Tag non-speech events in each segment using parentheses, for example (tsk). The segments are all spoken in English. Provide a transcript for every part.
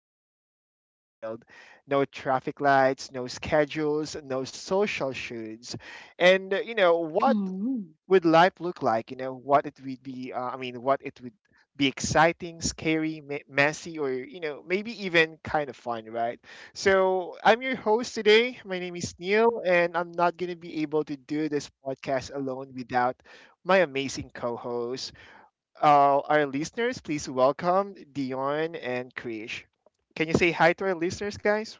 all, you know, in this world? No traffic lights, no schedules, no social shoulds. And you know, what Mhm. would life look like? You know, what it would be. I mean, what it would be exciting, scary, messy, or you know, maybe even kind of fun, right? So I'm your host today. My name is Neil, and I'm not gonna be able to do this podcast alone without my amazing co-hosts. Our listeners, please welcome Dion and Krish. Can you say hi to our listeners, guys?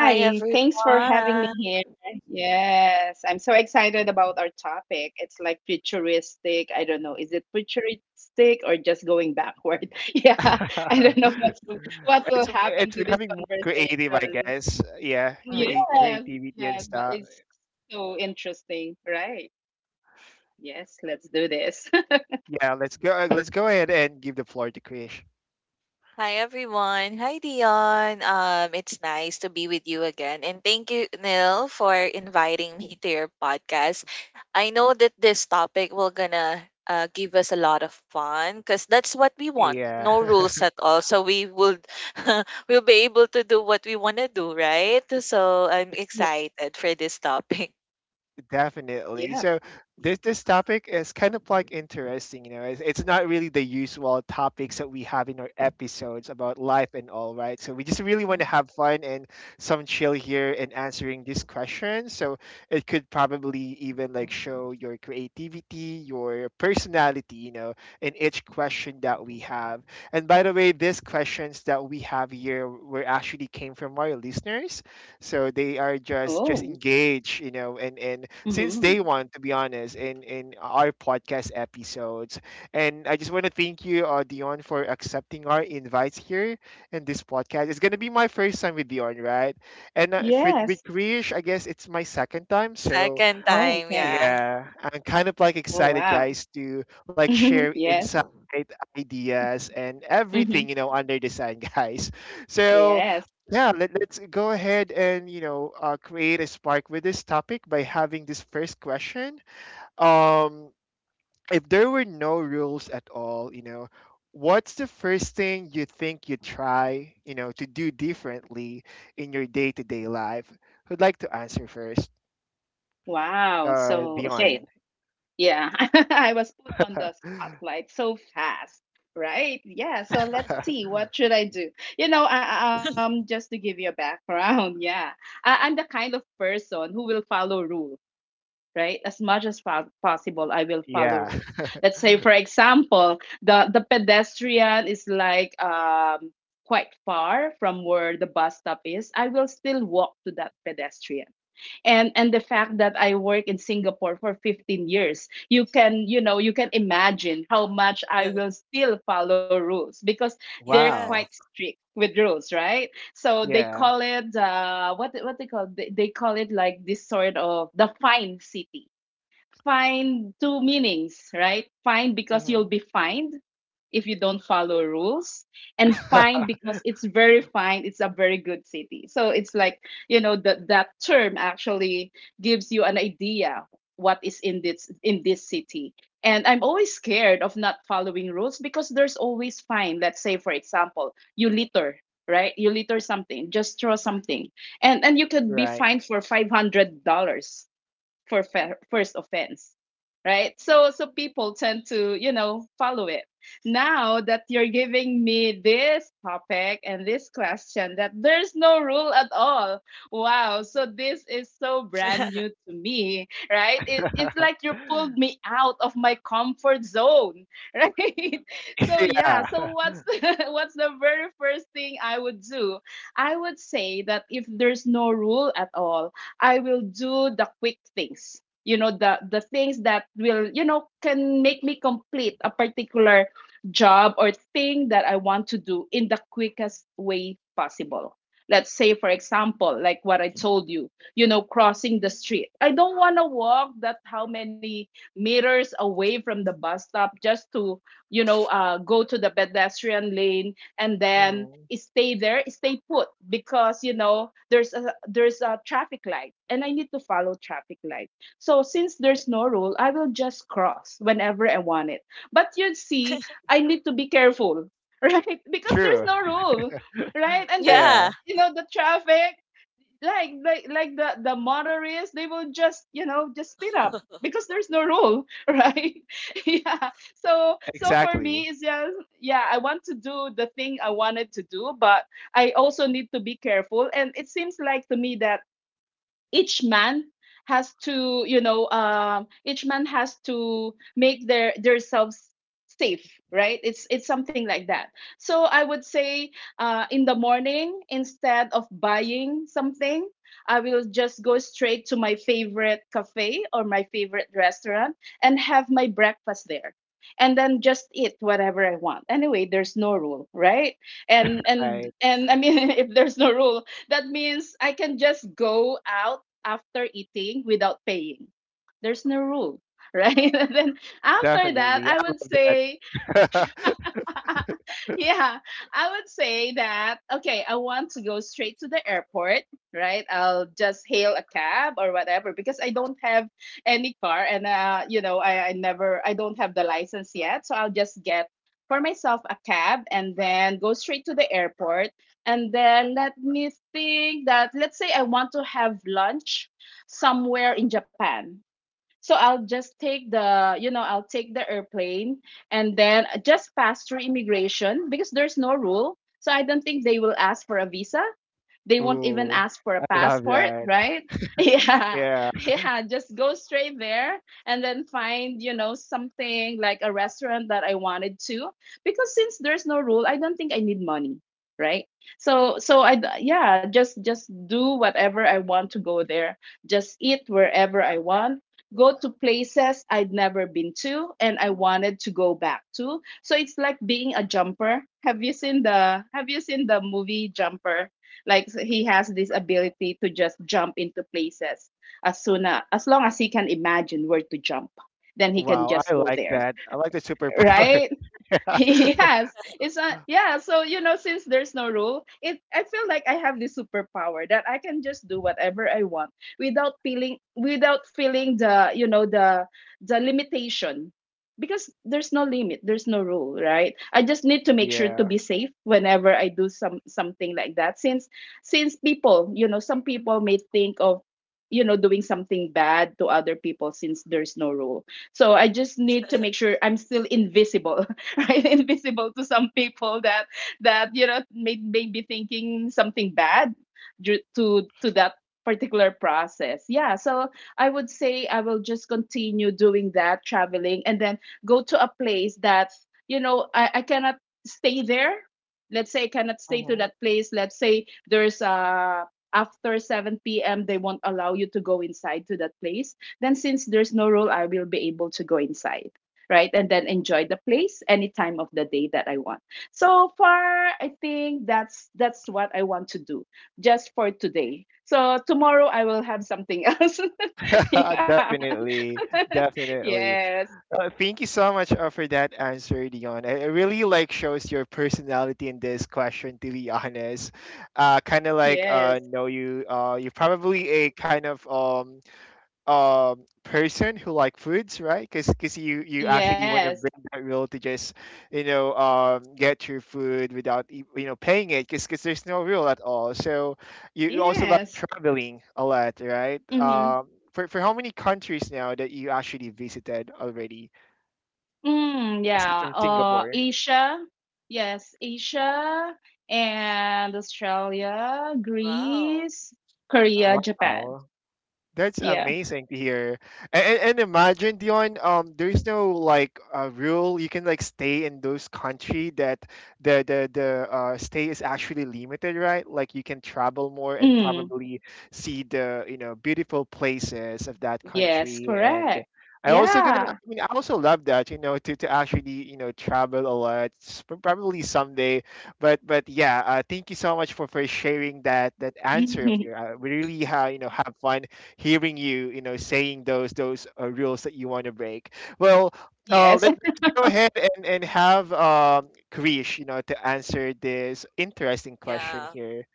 Hi thanks for having me everyone. here. Yes, I'm so excited about our topic. It's like futuristic. I don't know, is it futuristic or just going backward? (laughs) Yeah, I don't (laughs) know what will it's happen it's to this becoming more creative, I conversation. guess. Yeah, Mm. create Yes, creativity and yes, but stuff. it's so interesting, right? Yes, let's do this. (laughs) Yeah, let's go. Let's go ahead and give the floor to Krish. Hi everyone. Hi Dion. It's nice to be with you again, and thank you, Neil, for inviting me to your podcast. I know that this topic will gonna give us a lot of fun because that's what we want. Yeah. No (laughs) rules at all, so we would (laughs) we'll be able to do what we wanna do, right? So I'm Yeah. excited for this topic. Definitely. Yeah. So this topic is kind of like interesting, you know. It's not really the usual topics that we have in our episodes about life and all, right? So we just really want to have Mhm. fun and some chill here in answering these questions. So it could probably even like show your creativity, your personality, you know, in each question that we have. And by the way, these questions that we have here were actually came from our listeners, so they are just Oh. engaged, you know, and since Mm-hmm. day one to be honest in our podcast episodes, and I just want to thank you, Dion, for accepting our invites here in this podcast. It's going to be my first time with Dion, right? And with Yes. Krish I guess it's my second time. So Second Oh, time, okay. yeah. yeah, I'm kind of like Oh, excited, wow. guys, to like (laughs) share Yes. insight, ideas, and Mm-hmm. everything you know under the sun, (laughs) guys. So Yes. yeah, let's go ahead and you know create a spark with this topic by having this first question. Um, if there were no rules at all, you know, what's the first thing you think you try, you know, to do differently in your day-to-day life? Who'd like to answer first? Wow. So, Dion. okay. Yeah. (laughs) I was put on the spotlight so fast, right? Yeah. So let's (laughs) (laughs) see. What should I do? Just to give you a background, (laughs) yeah, I'm the kind of person who will follow rules, right? As much as possible, I will follow Yeah. rules. (laughs) Let's say, for example, the pedestrian is like quite far from where the bus stop is. I will still walk to that pedestrian, and the fact that I work in Singapore for 15 years, you can, you can imagine how much I will still follow rules because they're Yes. quite Wow. strict with rules, right? So they Yeah. call it, what they call it like this sort of the fine city. Find two meanings, right? Fine because you'll Hmm. be fined if you don't follow rules, and fine because it's very fine. It's a very good city. So it's like, you know, that term actually gives you an idea what is in this city. And I'm always scared of not following rules because there's always fine. Let's say, for example, you litter, right? You litter something, just throw something. And you could be Right. fined for $500 for first offense, right? So so people tend to, you know, follow it. Now that you're giving me this topic and this question that there's no rule at all, wow, so this is so brand new (laughs) to me, right? It's like (laughs) you pulled me out of my comfort zone. (laughs) Right? So yeah, Yeah. so (laughs) what's the very first thing I would do? I would say that if there's no rule at all, I will do the quick things. You know, the things that will, you know, can make me complete a particular job or thing that I want to do in the quickest way possible. Let's say, for example, like what I told you, you know, crossing the street. I don't want to walk that how many meters away from the bus stop just to, you know, go to the pedestrian lane and then Hmm. stay there, stay put, because you know there's a traffic light and I need to follow traffic light. So since there's no rule, I will just cross whenever I want it. But you see, I need to be careful, (laughs) right? Because there's True. no rule, right? And then Yeah. Yeah. you know the traffic, like the motorists, they will just, you know, just speed up (laughs) because there's no rule. (laughs) Right? (laughs) Yeah. So so for me, Exactly. it's just, yeah, I want to do the thing I wanted to do, but I also need to be careful. And it seems like to me that each man each man has to make their selves safe, right? It's something like that. So I would say, in the morning, instead of buying something, I will just go straight to my favorite cafe or my favorite restaurant and have my breakfast there, and then just eat whatever I want. Anyway, there's no rule, right? and I and and i mean (laughs) if there's no rule, that means I can just go out after eating without paying. There's no rule, right? (laughs) And then after that, definitely. I I would love say, that. (laughs) (laughs) yeah, I would say that, okay, I want to go straight to the airport, right? I'll just hail a cab or whatever because I don't have any car. And, you know, I don't have the license yet. So I'll just get for myself a cab and then go straight to the airport. And then let me think that, let's say I want to have lunch somewhere in Japan. So I'll just take the, you know, I'll take the airplane and then just pass through immigration because there's no rule. So I don't think they will ask for a visa. They (laughs) won't even Ooh. ask for a I love passport, that. right? (laughs) Yeah, Yeah. yeah, just go straight there and then find, you know, something like a restaurant that I wanted to. Because since there's no rule, I don't think I need money, right? Yeah, just do whatever I want to go there. Just eat wherever I want, go to places I'd never been to and I wanted to go back to. So it's like being a jumper. Have you seen the movie Jumper? Like, so he has this ability to just jump into places as soon as long as he can imagine where to jump, then he can Wow. just I go like there, that. I like the superpower. (laughs) right? (laughs) Yeah. Yes. It's a, yeah, so you know, since there's no rule, it I feel like I have this superpower that I can just do whatever I want without feeling the, you know, the limitation, because there's no limit, there's no rule, right? I just need to make sure to Yeah. be safe whenever I do something like that, since people, you know, some people may think of, you know, doing something bad to other people since there's no rule. So I just need to make sure I'm still invisible, (laughs) right? Invisible to some people that you know may be thinking something bad due to that particular process. Yeah, so I would say I will just continue doing that traveling, and then go to a place that, you know, I cannot stay there. Let's say I cannot stay to Hmm. that place. Let's say there's a, after 7 p.m. they won't allow you to go inside to that place, then since there's no rule, I will be able to go inside, right? And then enjoy the place any time of the day that I want. So far, I think that's what I want to do just for today. So tomorrow I will have something else. (laughs) (laughs) Yeah. Definitely. (laughs) Definitely. Yes. Thank you so much for that answer, Dion. It really like shows your personality in this question. To be honest, kind of like Yes. know you. You're probably a kind of person who like foods, right? Because you actually want to Yes. break that rule to just you know get your food without you know paying it, because there's no rule at all. So you also love Yes. traveling a lot, right? Mm-hmm. For how many countries now that you actually visited already? Mm, Aside yeah. from Singapore. Asia. Yes, Asia and Australia, Wow, Greece, Korea, wow. Japan. Wow. That's Yeah. amazing to hear. And imagine, Dion, there's no like rule. You can like stay in those country that the stay is actually limited, right? Like you can travel more and Mm. probably see the you know beautiful places of that Yes, country. And correct. I also gonna, Yeah. I mean, I also love that, you know, to actually you know travel a lot, probably someday. But yeah, thank you so much for sharing that that answer of your. (laughs) We really ha, you know have fun hearing you, you know, saying those rules that you want to break. Well, Yes. (laughs) Us go ahead and have Krish, you know, to answer this interesting question Yeah. here.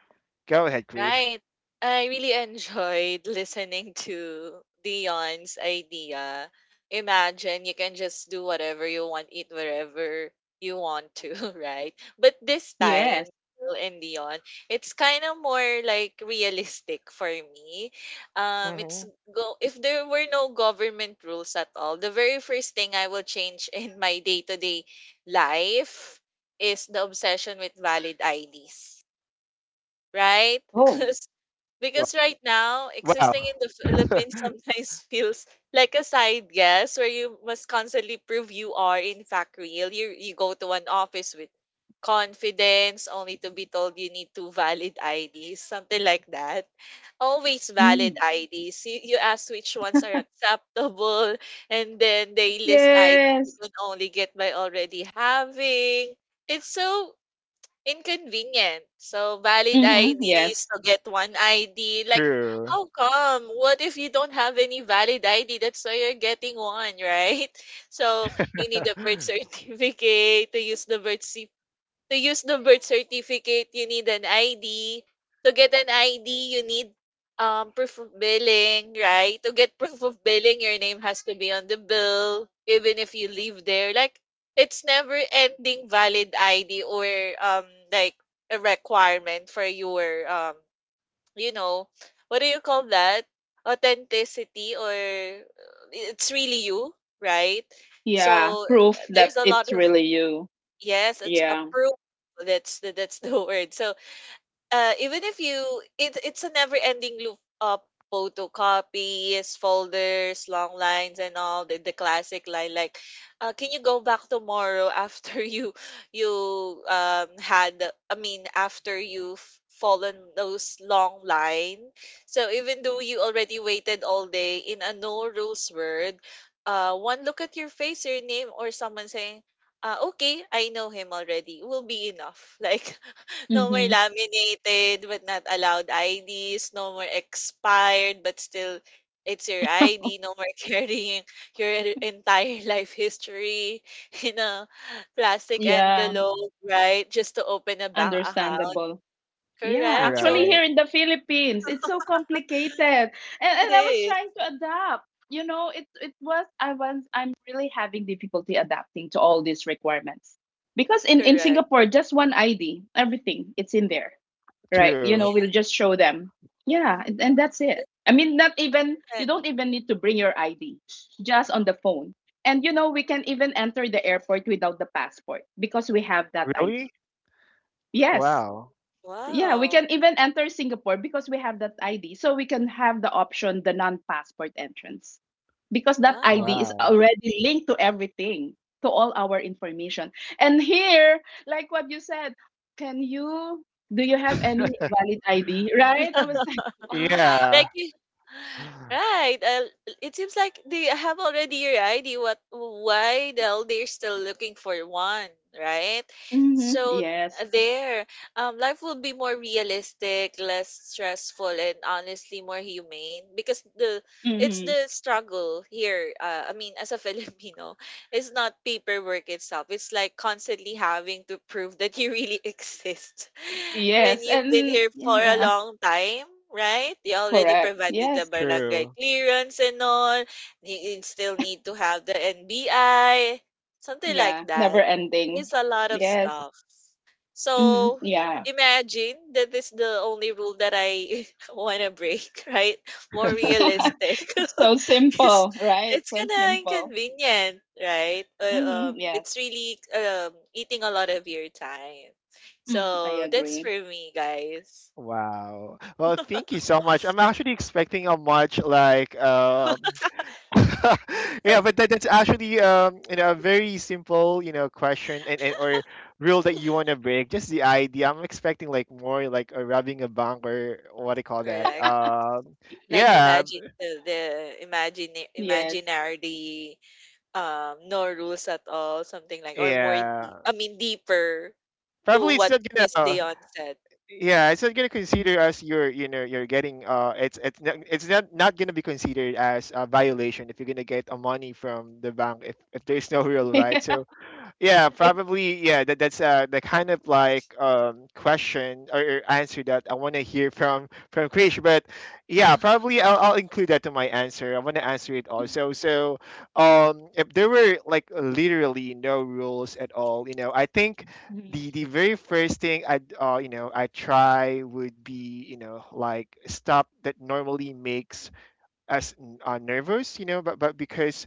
Go ahead, Krish. Right. I really enjoyed listening to Dion's idea. Imagine you can just do whatever you want, eat wherever you want to, (laughs) right? But this time, Yes. Will and Dion, it's kind of more like realistic for me. Mm-hmm. It's go if there were no government rules at all, the very first thing I will change (laughs) in my day to day life is the obsession with valid IDs, right? Oh. (laughs) Wow. Because right now, Wow. existing in the (laughs) Philippines sometimes (laughs) feels like a side guess where you must constantly prove you are in fact real. You go to an office with confidence only to be told you need two valid (laughs) IDs, something like that. Always valid Mm. IDs. You ask which ones are acceptable, and then they list IDs you Yes. can only get by already having. It's so inconvenient. So valid Mm-hmm. IDs Yes. to get one ID. Like, True. how come? What if you don't have any valid ID? That's why you're getting one, right? (laughs) So you need a birth (laughs) certificate to use the birth certificate, you need an ID. To get an ID, you need proof of billing, right? To get proof of billing, your name has to be on the bill, even if you live there. Like it's never ending valid ID or like a requirement for your you know what do you call that, authenticity or it's really you, right? Yeah. So Proof that there's a lot. it's really you. Yes, it's Yeah. approved. That's the (laughs) word. So, even if you it it's a never ending loop of photocopies, folders, long lines, and all the classic line like can you go back tomorrow after (laughs) you had I mean after you've fallen those long line. So even though you already waited all day in a no rules word, one look at your face, your name, or someone saying, "Okay, I know him already," will be enough. (laughs) Like no more Mm-hmm. laminated but not allowed IDs. No more expired but still it's your ID. No more (laughs) carrying your entire life history (laughs) in a plastic Yeah. envelope, right? Just to open a bank account. Understandable. Yeah, Correct. actually So Right. here in the Philippines, it's so complicated. And it I was is trying to adapt. You know, it was I was I'm really having difficulty adapting to all these requirements. Because in correct. Singapore, just one ID, everything, it's in there. Right? You True. know, Yeah. we'll just show them. Yeah, and that's it. I mean, not even, Correct. you don't even need to bring your ID, just on the phone. And you know, we can even enter the airport without the passport because we have that Really? ID. Yes. Wow. Yeah, we Wow. can even enter Singapore because we have that ID. So we can have the option, the non passport entrance, because that ID is Wow. Wow. already linked to everything, to all our information. And here, like what you said, can you, do you have any (laughs) valid ID? Right? I was like, (laughs) Yeah. Like (sighs) right, it seems like they have already your idea. What, why the hell they're still looking for one, right? mm-hmm, So yes. There life will be more realistic, less stressful, and honestly more humane, because the it's Mm-hmm. the struggle here, I mean, as a (laughs) Filipino, it's not paperwork itself. It's like constantly having to prove that you really (laughs) exist. When Yes. you've been And here for a yeah, long time, right? You already correct. provided the Yes. barangay True. clearance and all. You still need to have the NBI, something like Yeah. Never that. ending. There's a lot of Yes. stuff. Mm-hmm. So Yeah. imagine that this is the only rule that I (laughs) want to break, (laughs) right? More (laughs) realistic. It's so (laughs) It's simple, right? it's So kinda simple. inconvenient, right? Hmm. It's Yes. really eating a lot of your time. Mm, I So that's for agree. me, guys. Wow. Well, thank you so much. I'm actually expecting a much like (laughs) yeah, (laughs) but that, that's actually you know a very simple you know question and or rule that you want to break. Just the idea. I'm expecting like more like a rubbing a bank or what do you call that? Correct. Like Yeah, imagine the imagine Yes. imaginary no rules at all, something like or more yeah. deep, I mean deeper, to Probably it's what not Miss gonna. Dion said. Yeah, it's not gonna Mhm. consider as you're you know you're getting it's it's not not gonna be considered as a violation if you're gonna get a money from the bank if there's no real right. (laughs) So yeah, Yeah. probably. Yeah, that, that's the kind of like question or answer that I want to hear from Krish. But yeah, probably I'll include that to my answer. I want to answer it also. So, if there were like literally no rules at all, you know, I think Mm-hmm. The very first thing I would you know I try would be you know like stop that normally makes as nervous, you know, but because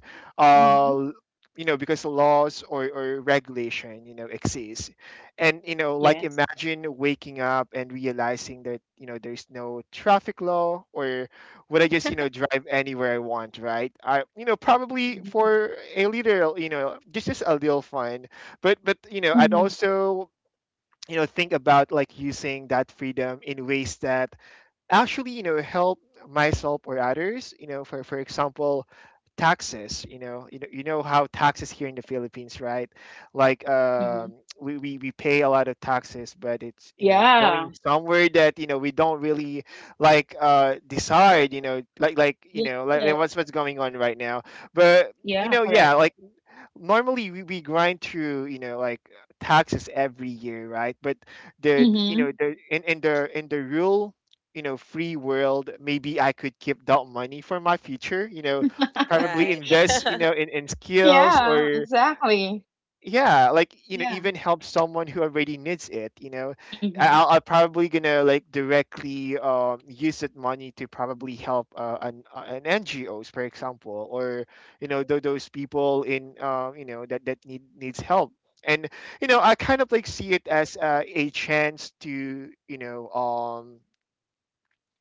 Mm-hmm. uh you know because laws or regulation you know exists, and you know like Yes. imagine waking up and realizing that you know there's no traffic law or would I just you know drive anywhere I want, right? I you know probably Mm-hmm. for a little you know just a little fun, but you know I'd Mm-hmm. also you know think about like using that freedom in ways that actually you know help myself or others, you know, for example taxes, you know, you know, you know how taxes here in the Philippines, right? Like Hmm. We pay a lot of taxes but it's you know going Yeah. somewhere that you know we don't really like decide, you know, like you Yes. know like what's going on right now. But you Yeah, know yeah correct. like normally we grind through you know like taxes every year, right? But you Mm-hmm. know in the in the real you know free world maybe I could keep that money for my future, you know, (laughs) probably Right. invest you know (laughs) in skills Yeah, or exactly. yeah like you know Yeah. even help someone who already needs it, you know. Mm-hmm. I'll probably gonna like directly use that money to probably help an NGOs for example or you know those people in you know that that need needs help, and you know I kind of like see it as a chance to you know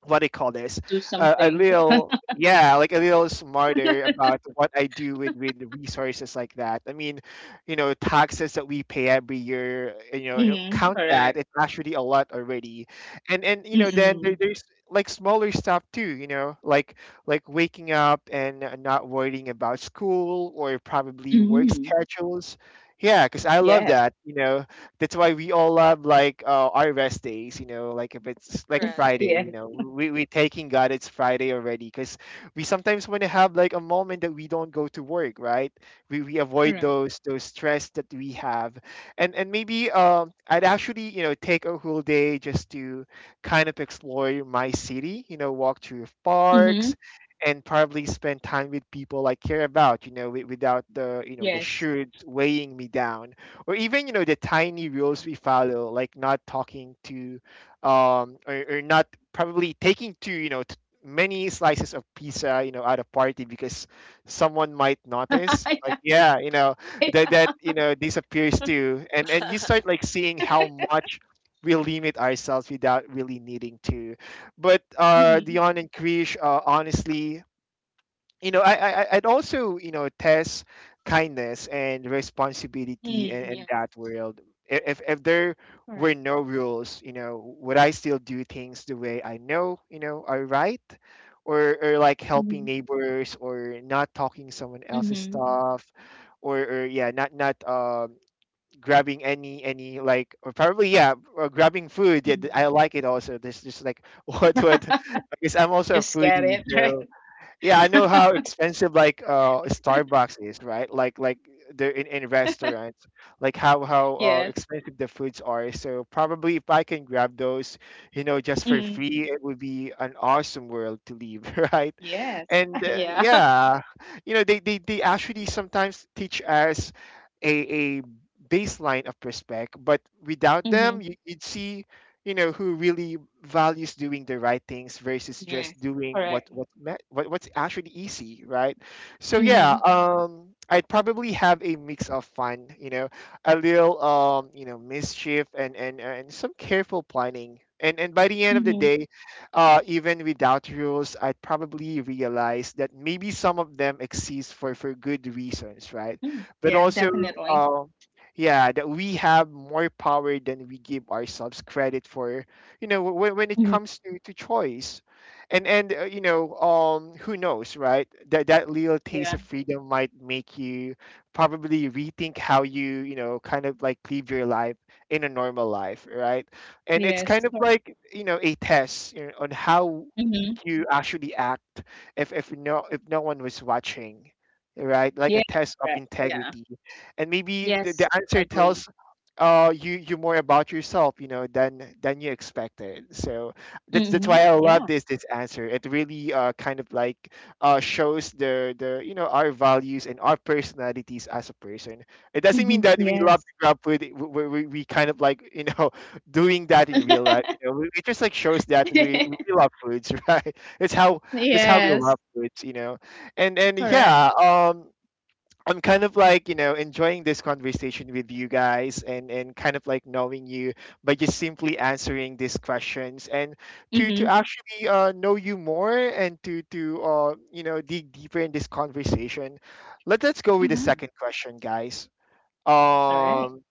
what do you call this, Do a something. little yeah like a little smarter about what I do with resources like that. I mean, you know taxes that we pay every year you know Mm-hmm. count that Correct. it's actually a lot already. And you know then there, Mm-mm. there's like smaller stuff too you know like waking up and not worrying about school or probably work Mm-hmm. schedules, yeah because I love Yes. that, you know. That's why we all love like our rest days, you know like if it's like (laughs) Correct. Friday Yes. you know we taking god it's Friday already because we sometimes want to have like a moment that we don't go to work, right? We avoid Correct. Those stress that we have, and maybe I'd actually you know take a whole day just to kind of explore my city, you know, walk through Mm-hmm. parks and probably spend time with people I care about, you know, without the, you know, the Yes. shoulds weighing me down or even you know the tiny Mm-hmm. rules we follow, like not talking to, or not probably taking too you know many slices of pizza you know at a party because someone might notice. (laughs) Like yeah, you know that that you know disappears too, and you (laughs) start like seeing Right. how much we limit ourselves without really needing to. But Yeah. (laughs) Dion and Krish, honestly, you know, I'd also you know test kindness and responsibility Mm, yes. in that world. If there Correct. were no rules, you know, would I still do things the way I know you know are right, or like helping Mm-hmm. neighbors or not talking someone else's Mm-hmm. stuff, or yeah, not not grabbing any like or probably yeah or grabbing food yeah I Mm-hmm. like it also there's just like (laughs) what because I'm (laughs) also a Just get foodie it, right? so yeah, I know how expensive like (laughs) Starbucks is, right? Like they're in restaurants, like how Yes. expensive the foods are. So probably if I can grab those, you know, just for Mm, free, it would be an awesome world to live, (laughs) right? yes. And (laughs) uh, Yeah. (laughs) yeah, you know, they actually sometimes teach us a baseline of respect, but without them, Mm-hmm. you'd see you know who really values doing the right things versus just Yes. doing what Correct. what, ma- what what's actually easy, right? So yeah, Mm-hmm. I'd probably have a mix of fun, you know, a little you know mischief and some careful planning, and by the end of the Mm-hmm. day, even without rules I'd probably realize that maybe some of them exist for good reasons, right? Mm. But Yeah, also, definitely. um yeah, that we have more power than we give ourselves credit for, you know, when it Mm-hmm. comes to choice. And you know, who knows, right? That little taste Yeah. of freedom might make you probably rethink how you, you know, kind of like live your life in a normal life, right? And it's Yes. kind of like, you know, a test, you know, on how Mm-hmm. you actually act if if no one was watching, right? Like a Yeah. test of Correct. Yeah. integrity. And maybe the Yes. answer Agree. tells you, you more about yourself, you know, than you expected. So that's Mm-hmm. why I love Yeah. this answer. It really kind of like shows the you know our values and our personalities as a person. It doesn't Mm-hmm. mean that we love Yes. to grab food. We kind of like, you know, (laughs) doing that in real life, you know. It just like shows that we (laughs) we love foods, (laughs) right? That's how we Yes. love foods, you know. and and Correct. yeah um I'm kind of like, you know, enjoying this conversation with you guys, and kind of like knowing you by just simply answering these questions, and to Mm-hmm. actually know you more, and to you know dig deeper in this conversation. Let us go with the Mm-hmm. second question, guys. All right. Um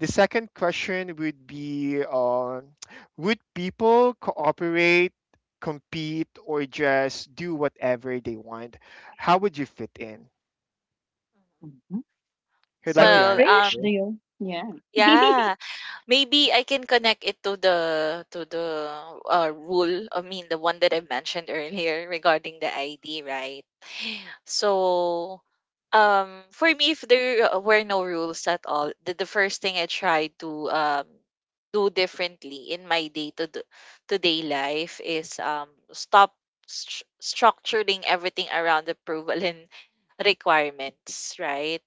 the second question would be, would people cooperate, compete, or just do whatever they want? How would you fit in? Mhm. Mhm. Who'd like to So Well, crash answer? deal. Yeah. (laughs) yeah. Maybe I can connect it to the rule. I mean, the one that I mentioned earlier regarding the ID, right? So, for me, if there were no rules at all, the first thing I try to do differently in my day to day life is structuring everything around approval and (laughs) requirements, right?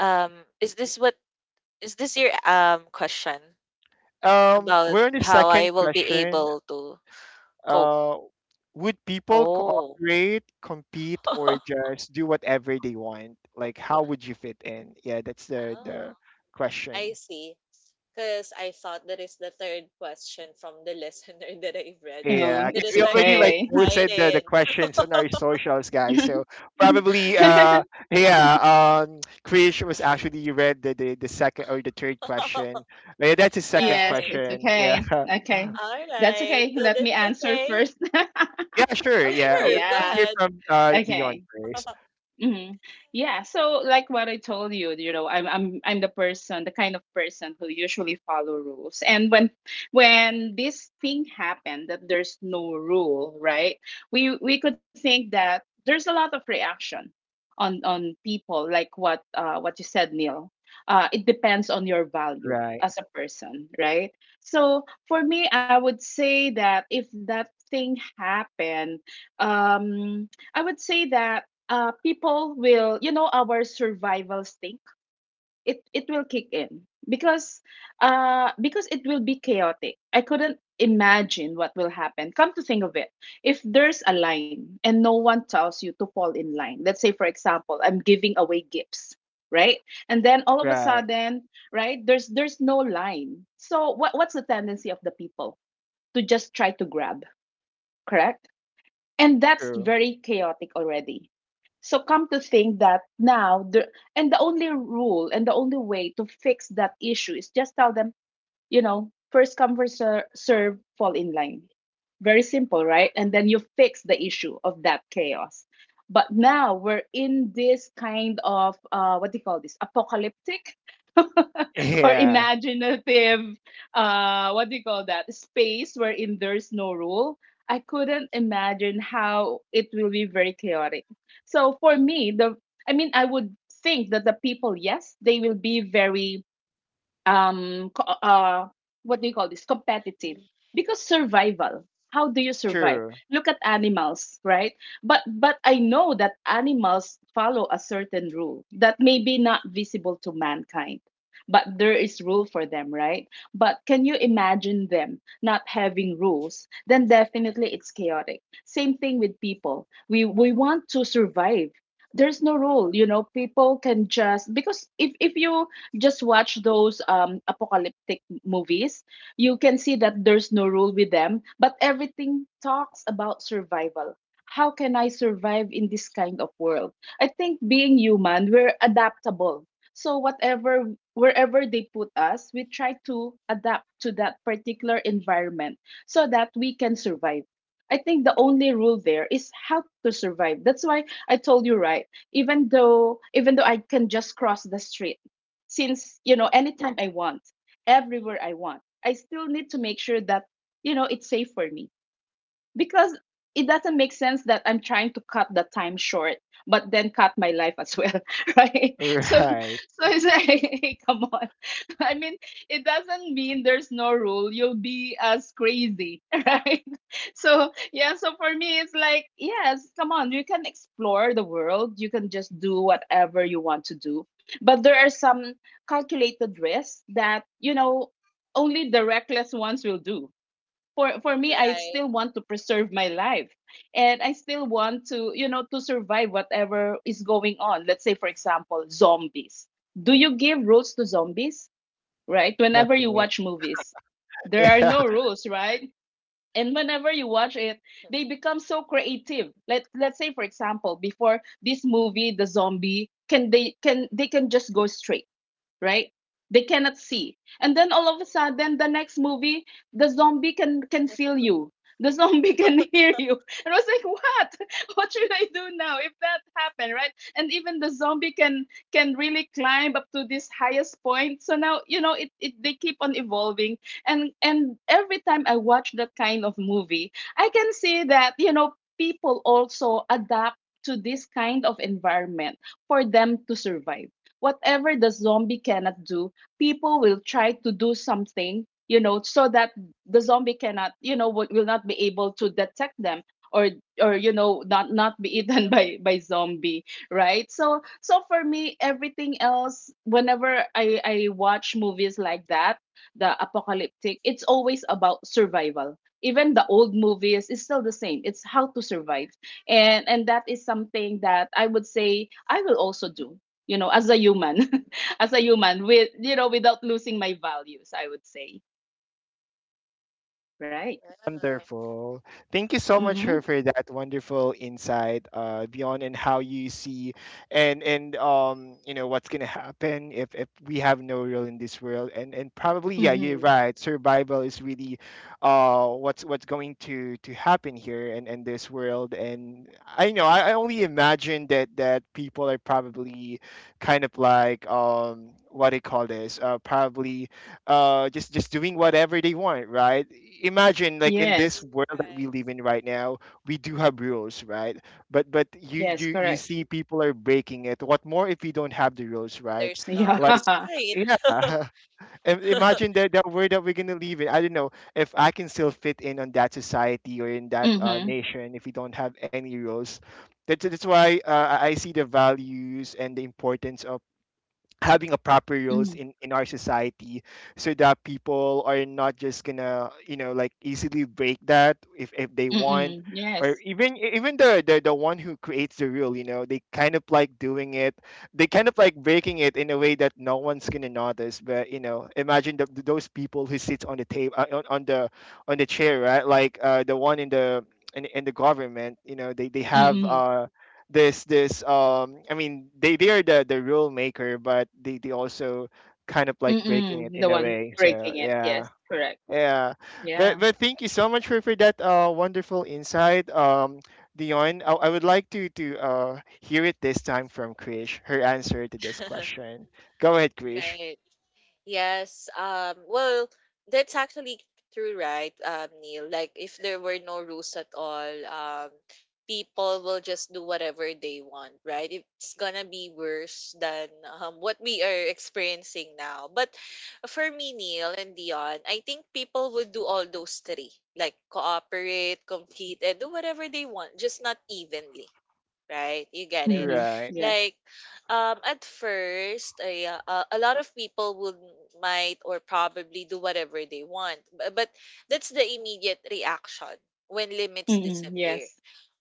Um, is this what, is this your question? About We're in the how I second will be question. able to cope. Uh, would people Oh. cooperate, compete, or (laughs) just do whatever they want? Like, how would you fit in? Yeah, that's the Oh, I question. see. Because I thought that is the third question from the listener (laughs) that I've read. Yeah, No, That because is it's we why I'm already so like okay. posted the excited. questions on our socials, guys. So (laughs) probably, (laughs) yeah, Krish was actually read the second or the third question. Yeah, that's his second Yes, Right. it's question. Yeah, okay. (laughs) Okay. All That's right. okay. So Let me that's answer okay. first. (laughs) yeah, sure. Oh, Yeah, sure. let's, Go let's Yeah. hear ahead. from Okay. Dion first. (laughs) Hmm. Yeah. So, like what I told you, you know, I'm the person, the kind of person who usually follow rules. And when this thing happened that there's no rule, right? We could think that there's a lot of reaction on people, like what you said, Neil. It depends on your value Right. as a person, right? So for me, I would say that if that thing happened, I would say that, people will, you know, our survival stink. It will kick in because, because it will be chaotic. I couldn't imagine what will happen. Come to think of it, if there's a line and no one tells you to fall in line, let's say for example, I'm giving away gifts, right? And then all of a Right. sudden, right, there's no line. So what's the tendency of the people to just try to grab, correct? And that's True. very chaotic already. So come to think that now the and the only rule and the only way to fix that issue is just tell them, you know, first come, first serve, fall in line. Very simple, right? And then you fix the issue of that chaos. But now we're in this kind of, what do you call this, apocalyptic (laughs) (laughs) or Yeah. imaginative, what do you call that, space wherein there's no rule. I couldn't imagine how it will be very chaotic. So for me, the I would think that the people, yes, they will be very um co- uh what do you call this, competitive, because survival, how do you survive? True. Look at animals, right? But I know that animals follow a certain rule that may be not visible to mankind, but there is rule for them, right? But can you imagine them not having rules? Then definitely it's chaotic. Same thing with people, we want to survive. There's no rule, you know, people can just, because if you just watch those apocalyptic movies. You can see that there's no rule with them, but everything talks about survival. How can I survive in this kind of world? I think being human, we're adaptable. So whatever wherever they put us, we try to adapt to that particular environment so that we can survive. I think the only rule there is how to survive. That's why I told you, right. Even though I can just cross the street, since, you know, anytime I want, everywhere I want, I still need to make sure that, you know, it's safe for me, because it doesn't make sense that I'm trying to cut the time short, but then cut my life as well, (laughs) right? So, Right. so it's like, (laughs) come on. I mean, it doesn't mean there's no rule. You'll be as crazy, (laughs) right? So, yeah, so for me, it's like, yes, come on, you can explore the world. You can just do whatever you want to do. But there are some calculated risks that, you know, only the reckless ones will do. For me, I Right. still want to preserve my life, and I still want to, you know, to survive whatever is going on. Let's say for example, zombies. Do you give rules to zombies? Right, whenever you Definitely. watch movies, (laughs) there are Yeah. no rules, right? And whenever you watch it, they become so creative. Let's say for example, before this movie, the zombie can, they can just go straight, right? They cannot see. And then all of a sudden, the next movie, the zombie can feel you. The zombie can (laughs) hear you. And I was like, what? (laughs) What should I do now if that happened, right? And even the zombie can really climb up to this highest point. So now, you know, it they keep on evolving. And every time I watch that kind of movie, I can see that, you know, people also adapt to this kind of environment for them to survive. Whatever the zombie cannot do, people will try to do something, you know, so that the zombie cannot, you know, will not be able to detect them, or or, you know, not be See eaten (laughs) them. by zombie, right? So for me, everything else, whenever I watch movies like that, the apocalyptic, it's always about survival. Even the old movies is still the same. It's how to survive. And that is something that I would say I will also do, you know, as a human, (laughs) as a human with, you know, without losing my values, I would say, right. Yeah. Wonderful. Thank you so much Mm-hmm. For that wonderful insight, beyond and how you see, and you know what's gonna happen if we have no role in this world, and probably yeah you're Mm-hmm. right, survival is really what's going to happen here and in this world. And I know I only imagine that that people are probably kind of like, what do you call this, probably just doing whatever they want, right? Imagine like in this Yes. world that we Right. live in right now, we do have rules, right? But you Yes, you you correct. see people are breaking it. What more if we don't have the rules, right? There's no Like rules. Yeah. Right. (laughs) yeah, (laughs) imagine that that world that we're gonna live in. I don't know if I can still fit in on that society or in that, Mm-hmm. nation if we don't have any rules. That's why, I see the values and the importance of having a proper roles Mm-hmm. In our society, so that people are not just gonna, you know, like easily break that if they want. Mm-mm. Or Yes. even even the the one who creates the rule, you know, they kind of like doing it, they kind of like breaking it in a way that no one's gonna notice. But you know imagine those people who sits on the table, on the chair, right? Like the one in the government. You know they have Mm-mm. This I mean they are the rule maker, but they also kind of like breaking it Mm-mm, the in a one way. So breaking it, yeah, yes, correct. yeah. but Yeah. but thank you so much for that wonderful insight, um, Dion. I would like to hear it this time from Krish, her answer to this (laughs) question. Go ahead, Krish. Right. Yes. Well, that's actually true, right, Neil? Like, if there were no rules at all, people will just do whatever they want, right? It's gonna be worse than what we are experiencing now. But for me, Neil and Dion, I think people would do all those three, like cooperate, compete, and do whatever they want, just not evenly, right? You get Mm-hmm. it. Right. Yes. Like, at first, a lot of people would might or probably do whatever they want, but that's the immediate reaction when limits Mm-mm. disappear. Yes.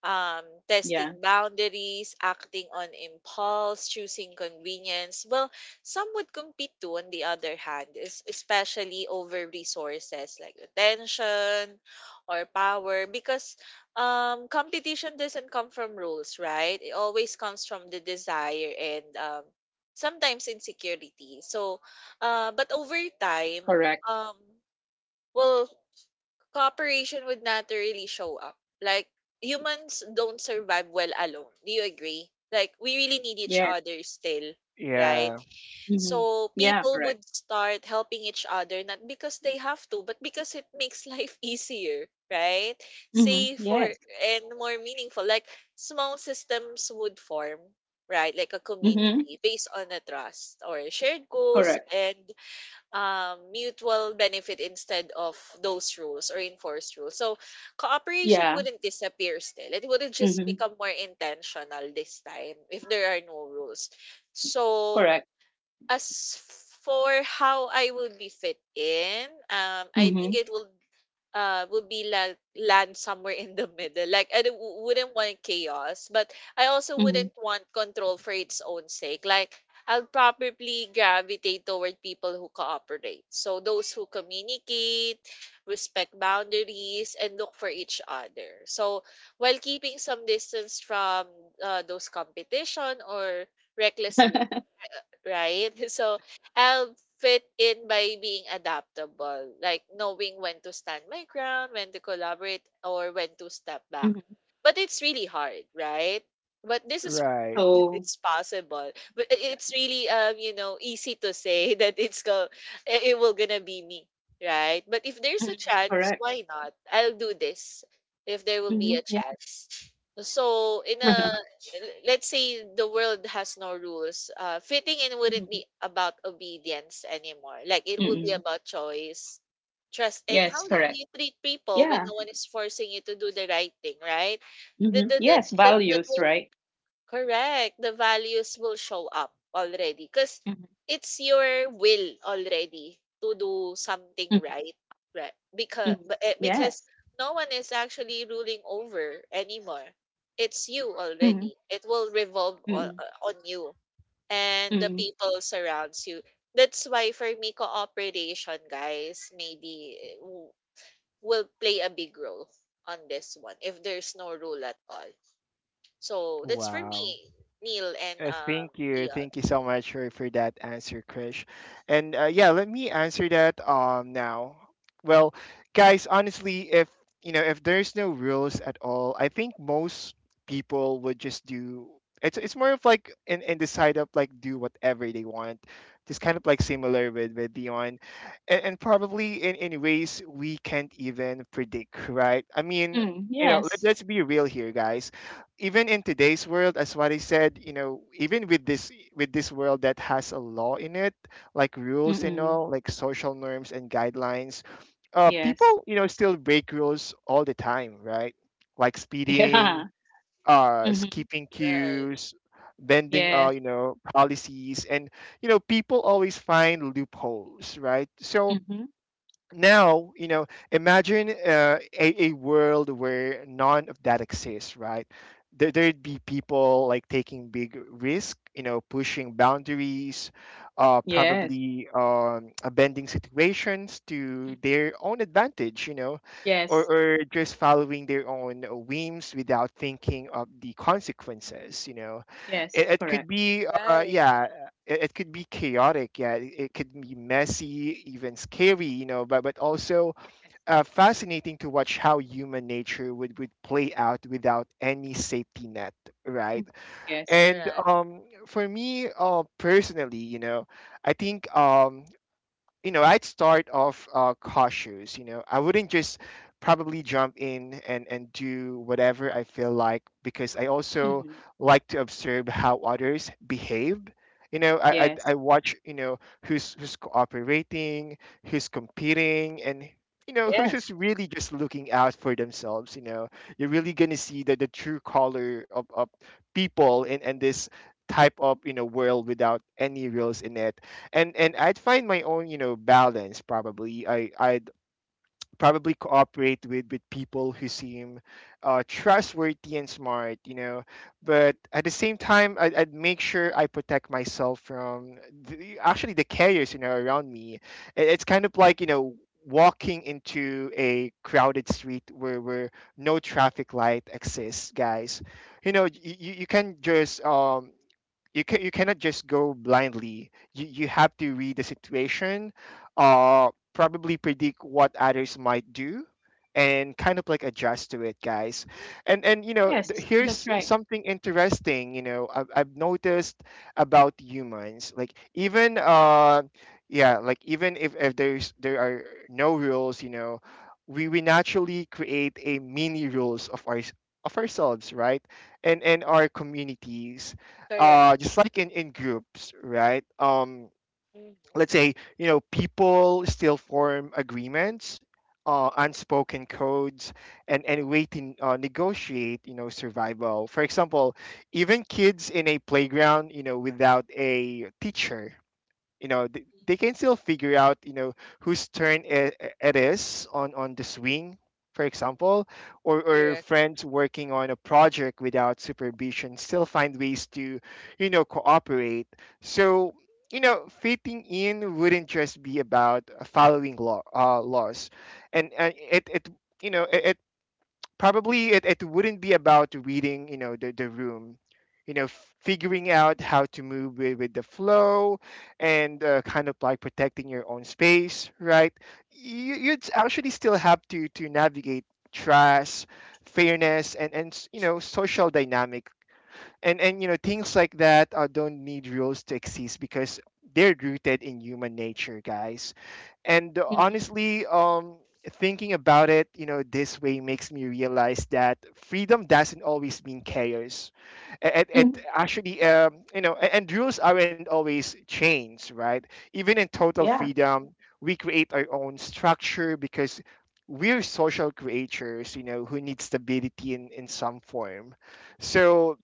Um, Yeah. Testing boundaries, acting on impulse, choosing convenience. Well, some would compete too, on the other hand, especially over resources like attention or power, because competition doesn't come from rules, right? It always comes from the desire, and sometimes insecurity. So but over time, Correct. um well cooperation would naturally show up. Like humans don't survive well alone. Do you agree? Like we really need Yeah. each other still, right? Yeah. Mm-hmm. So Yeah. people Correct. would start helping each other, not because they have to, but because it makes (laughs) life easier, right? Mm-hmm. Safer Yes. and more meaningful. Like small systems would form, right? Like a Mm-hmm. community based on a trust or shared goals, Correct. and mutual benefit instead of those rules or enforced rules. So cooperation Yeah. wouldn't disappear still. It wouldn't just Mm-hmm. become more intentional this time if there are no rules. So Correct. as for how I would be fit in, I think Mm-hmm. it will would be like land somewhere in the middle. Like I wouldn't want chaos, but I also wouldn't want control for its own sake. Like I'll probably gravitate toward people who cooperate. So those who communicate, respect boundaries, and look for each other. So while keeping some distance from those competition or reckless, Mm-hmm. right? (laughs) So I'll fit in by being adaptable, like knowing when to stand my ground, when to collaborate, or when to step back. (laughs) But it's really hard, right? But this Yeah. is for Right. me, (laughs) if So it's possible. But i- yeah. it's really, you know, easy to say (laughs) that it will gonna be me, right? But if there's a Mhm. chance, Correct. why not? I'll do this if there will be Hmm. a Yeah. chance. So in a (laughs) let's say the world has no rules, uh, fitting in wouldn't Mhm. be about obedience anymore. Like it would be Mm-mm. about choice, trust, and Yes, how you, correct. you treat people when Yeah. no one is forcing you to do the right thing, right? Hmm. that that that, Yes, that, that values, right? correct. The values will show up already because Mm-hmm. it's your will already to do something right, right? Mm-hmm. Because Yes. because no one is actually ruling over anymore. It's you Mm-hmm. already. It will revolve Mm-hmm. on you and the people surrounds you. That's why for me, cooperation, guys, maybe will play a big role on this one if there's no rule at all. So that's for Wow. me, Neil and Leon. Thank you so much for that answer, Krish. And yeah, let me answer that now. Well, guys, honestly, if you know if there's no rules at all, I think most people would just do. It's more of like in the side of like do whatever they want, just kind of like similar with Dion, and probably in ways we can't even predict, right? I mean, Mm-hmm. you know, let, Yes. let's be real here, guys. Even in today's world, as what I said, you know, even with this world that has a law in it, like rules and Mm-hmm. all, like social norms and guidelines, Yes. people, you know, still break rules all the time, right? Like (laughs) speeding, Yeah. Mm-hmm. skipping Right, queues, bending Yes. you know policies, and you know people always find loopholes, right? So Mm-hmm. now you know imagine a world where none of that exists, right? There'd be people like taking big risk, you know, pushing boundaries, Yes. probably bending situations to Mm. their own advantage, you know, Yes. or just following their own whims without thinking of the consequences, you know. it, Yes. it could Correct. be, right, yeah, it could be chaotic. Yeah, it could be messy, even scary, you know. But also Yes. Fascinating to watch how human nature would play out without any safety net, Mm-hmm. right? Yes. And correct, for me, personally, you know, I think, you know, I'd start off, cautious, you know. I wouldn't just probably jump in and do whatever I feel like, because I also Mm-hmm. like to observe how others behave. You know, Yes. I watch, you know, who's who's cooperating, who's competing, and you know who's just Yes. really just looking out for themselves, you know. You're really gonna see the true color of people in this type of, you know, world without any rules in it. And I'd find my own, you know, balance. Probably I'd probably cooperate with people who seem, trustworthy and smart, you know, but at the same time I'd make sure I protect myself from actually the chaos, you know, around me. It's kind of like, you know, walking into a crowded street where no traffic light exists, guys. You know you can just you can you cannot just go blindly. You have to read the situation, probably predict what others might do, and kind of like adjust to it, guys. And you know Yes. That's here's right. something interesting. You know I've noticed about humans, like even yeah, like even if there are no rules, you know, we naturally create a mini rules of our of ourselves, right? And our communities, correct, just like in groups, right? Mhm, Let's say, you know, people still form agreements, unspoken codes, and way to, negotiate, you know, survival, for example. Even kids in a playground, you know, without a teacher, you know, they mhm, can still figure out, you know, whose turn it is on the swing for example, or correct. friends working on a project without supervision still find ways to, you know, cooperate. So you know fitting in wouldn't just be about following law, laws. And it you know probably it wouldn't be about reading, you know, the room, you know, figuring out how to move with the flow, and kind of like protecting your own space, right? You, you'd actually still have to navigate trust, fairness, and you know social dynamic. And you know things like that, don't need rules to exist, because they're rooted in human nature, guys. And Mm-hmm. honestly, thinking about it, you know, this way makes me realize that freedom doesn't always mean chaos. It Mm-hmm. actually, you know, and rules aren't always chains, right? Even in total Yeah. freedom, we create our own structure, because we're social creatures, you know, who need stability in some form. So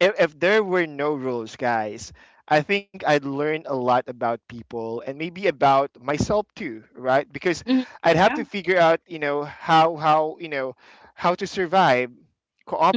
if there were no rules, guys, I think I'd learn a lot about people and maybe about myself too, right? Because Mm-hmm. I'd have to Yeah. figure out, you know, how you know how to survive,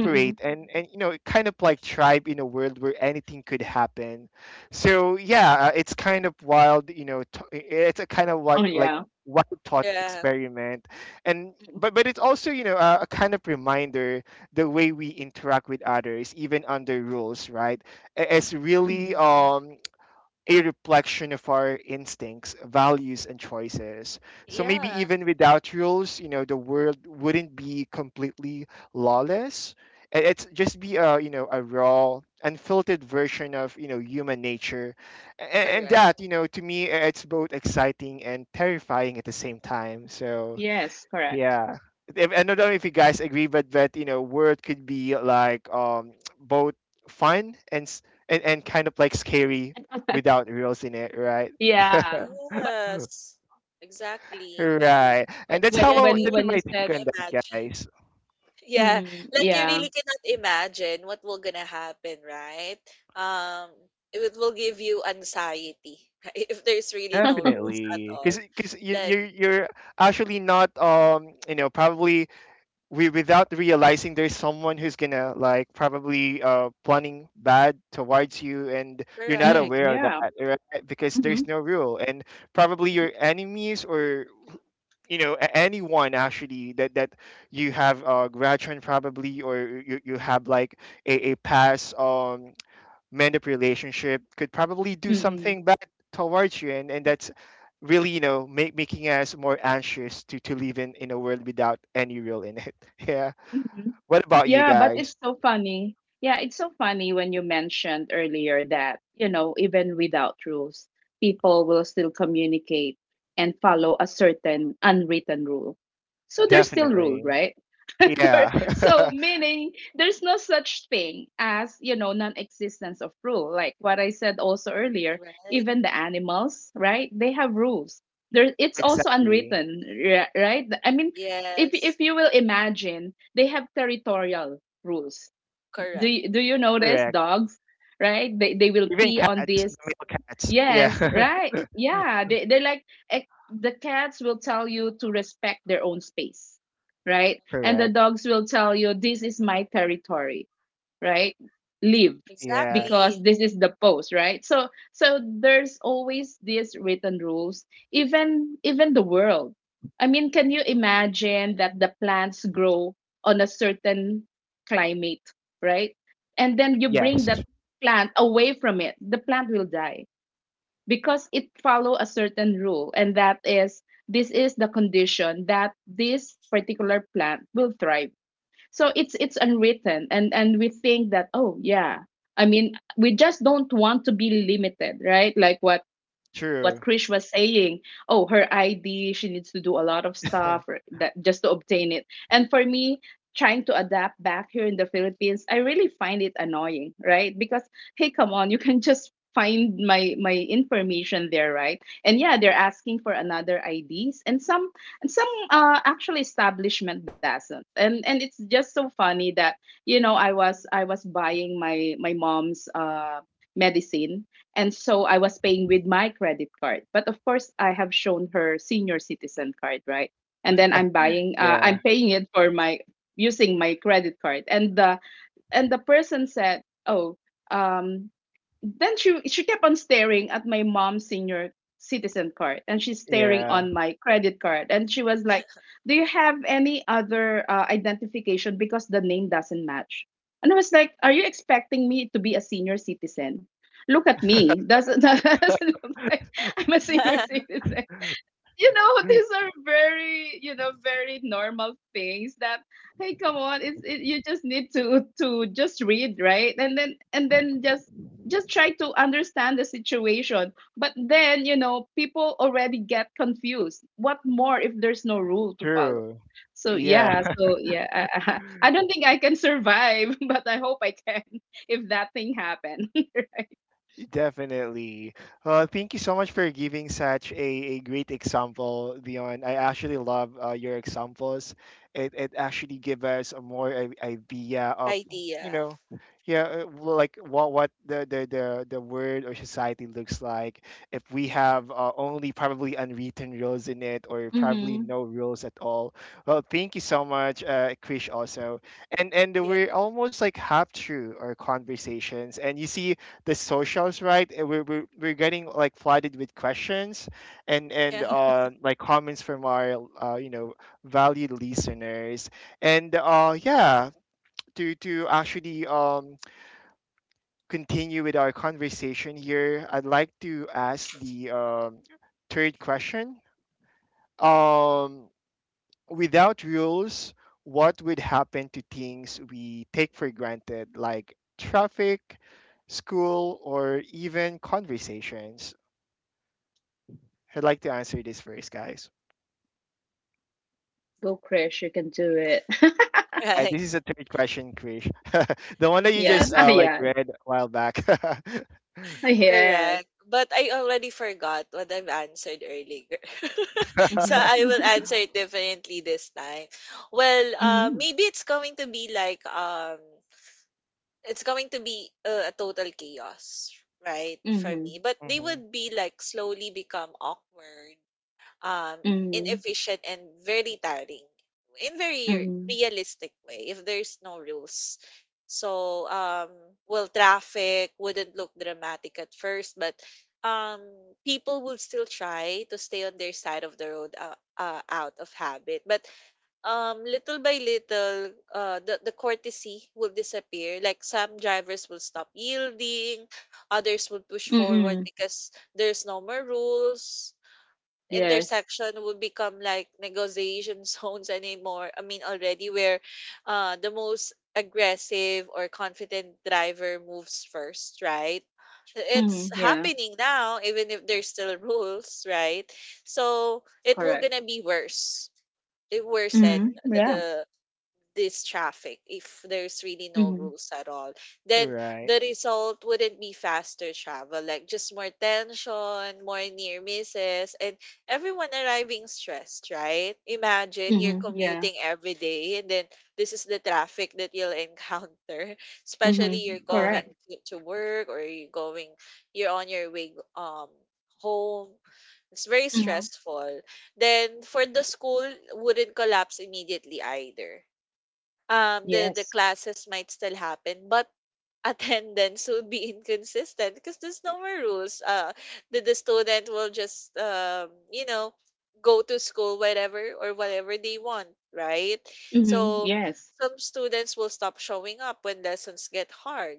Mm-hmm. and kind of like tribe in a world where anything could happen. So yeah, it's kind of wild, you know. It's a kind of Oh, like yeah. wild thought Yeah, experiment. And But it's also, you know, a kind of reminder the way we interact with others even under rules, right? Is really Mhm. A reflection of our instincts, values, and choices. So maybe yeah, even without rules, you know, the world wouldn't be completely lawless. It's just be a, you know, a raw, unfiltered version of, you know, human nature. And correct. that, you know, to me it's both exciting and terrifying at the same time. So Yes, correct. yeah. If, I don't know if you guys agree, but that, you know, word could be like (tsk) both fun and and kind of like scary (laughs) without rules in it, right? Yeah, but Yes, exactly. you- Right. wait, And that's when Yeah, how can I, when you that's when you my take said, on really that, imagine. (laughs) guys. Yeah, mm, like you yeah, really cannot imagine what will gonna happen, right? Um, it will give you anxiety (laughs) right? If there's really no rules (laughs) at Definitely, all. because you Like, you you're actually not, you know, probably we, without realizing, there's someone who's gonna like probably planning bad towards you and you're not mm, correct, aware of that, yeah, right? Because mm-hmm, there's no rule, and probably your enemies or, you know, anyone actually that you have grudge on probably, or you have like a past mend up relationship could probably do mm-mm, something bad towards you, and that's really, you know, making us more anxious to live in a world without any rule in it. (laughs) Yeah. mm-hmm. What about you Yeah, but guys? it's so funny. Yeah, it's so funny when you mentioned earlier that, you know, even without rules, people will still communicate and follow a certain unwritten rule. So there's still rule, Definitely. right? Yeah. (laughs) So meaning there's no such thing as, you know, non-existence of rule, like what I said also earlier. right? Even the animals, right, they have rules. There, (laughs) it's also Exactly. unwritten, right, I mean, if Yes, you will imagine, they have territorial rules. do correct. you, do you notice Correct. dogs, right, they will Even pee on cats, the this. male cats. Yes, Yeah. right. Yeah, they they're like, eh, the cats will tell you to respect their own space, right? (laughs) And the Correct. dogs will tell you this is my territory, right? Leave, Yeah. because Exactly. this is the post, right? So so there's always these written rules, even the world. I mean, can you imagine that the plants grow on a certain climate, right? And then Mhm. you bring Yes. that plant away from it, the plant will die because it follow a certain rule, and that is this is the condition that this particular plant will thrive. So it's unwritten, and we think that, oh yeah, I mean, we just don't want to be limited, right? Like what True. Krish was saying, oh, her ID, she needs to do a lot of stuff or (laughs) that just to obtain it. And for me, trying to adapt back here in the Philippines, I really find it annoying, right? Because hey, come on, you can (laughs) just find my my information there, right? And yeah, they're asking for another IDs, and some actually establishment doesn't. And it's just so funny that, you know, I was buying my my mom's medicine, and so I was paying with my credit card. But of course, I have shown her senior citizen card, right? And then I'm buying, Yeah. I'm paying it for my using my credit card. And the person said, "Oh, um." Then she kept on staring at my mom's senior citizen card, and she's staring Yeah. on my credit card, and she was like, "Do you have any other identification? Because the name doesn't match." And I was like, "Are you expecting me to be a senior citizen? Look at me. Doesn't (laughs) doesn't look like I'm a senior (laughs) citizen." You know, (laughs) these are very, you know, very normal things that hey come on, it's it, you just need to just read, right? And then and then just try to understand the situation, but then you know people already get confused. What more if there's no rule to follow? True. So Yeah. yeah, so yeah, I (laughs) I don't think I can survive (laughs) but I hope I can, (laughs) if that thing happen. (laughs) Definitely. Thank you so much for giving such a great example, Dion. I actually love your examples. It actually gives us a more idea of, you Idea. know, yeah, well, like what the world or society looks like if we Yeah. have only probably unwritten rules in it or probably Mm-hmm. no rules at all. Well, thank you so much, Krish, also. And Yeah. we're almost like half through our conversations, and you see the socials, right? And we're getting like flooded with questions and Yeah. and (laughs) uh, like comments from our, you know, valued listeners. And Yeah, to actually continue with our conversation here, I'd like to ask the third question. um, Without rules, what would happen to things we take for granted, like traffic, school, or even conversations? I'd like to answer this first, guys. Go Chris, you can do it. (laughs) This Right. is a third question, Krish. (laughs) The one that you Yeah. just (laughs) Yes, Ah, like yeah. read a while back. (laughs) Yes. correct. But I already forgot what I've answered earlier. (laughs) So Mhm. I will (laughs) answer it differently this time. Well, Mhm. maybe it's going to be like it's going to be a total chaos, right, for Mhm. me. But they Hmm. would be like slowly become awkward, um, Mhm. inefficient, and very tiring in very Mhm. realistic way if there's no rules. So, well, traffic wouldn't look dramatic at first, but um, people will still try to stay on their side of the road out of habit. But little by little, the courtesy will disappear. Like some drivers will stop yielding, others will push forward Mhm. because there's no more rules Yes. intersection would become like negotiation (laughs) zones anymore. I mean, already where the most aggressive or confident driver moves first, right? It's Mhm. Yeah. happening now, even if there's still rules, right? So it will Correct. gonna be worse. It worsen Mhm. Yeah. the, this traffic if there's really no Mhm. rules at all, then Right, the result wouldn't be faster travel, like just more tension, more near misses, and everyone arriving stressed, right? Imagine you're Mhm. commuting Yeah. every day and then this is the traffic that you'll encounter (laughs) especially you're Mhm. going Correct. to work, or you're going, you're on your way home. It's very Mhm. stressful. Then for the school, wouldn't collapse immediately either. The Yes. classes might still happen, but attendance would be inconsistent because there's no more rules. The student will just, go to school whenever or whatever they want, right? Mhm. So Yes. some students will stop showing up when lessons get hard,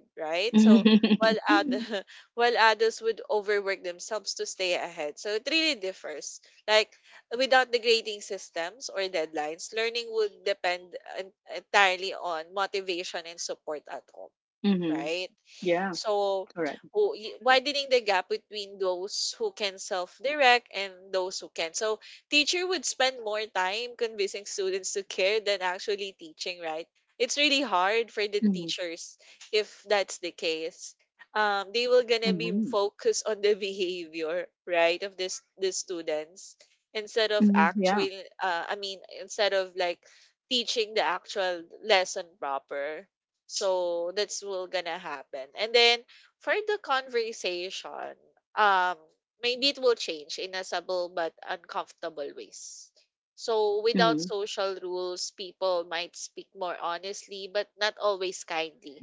(laughs) right? So while other, Mhm. (laughs) while others would overwork themselves to stay ahead. So it really differs. Like without the grading systems or deadlines, learning would depend entirely on motivation and support at home, Mhm. right? Yeah. So, Correct. Widening the gap between those who can self-direct and those who can. So, teacher would spend more time convincing students to care than actually teaching, right? It's really hard for the Mhm. teachers if that's the case. They will gonna be Mhm. focused on the (laughs) behavior, right, of this the students instead of Mhm. Yeah. actual. Instead of like teaching the actual lesson proper, so that's will gonna happen. And then for the conversation, um, maybe it will change in a subtle but uncomfortable ways. So without Mhm. social rules, people might speak more honestly, but not always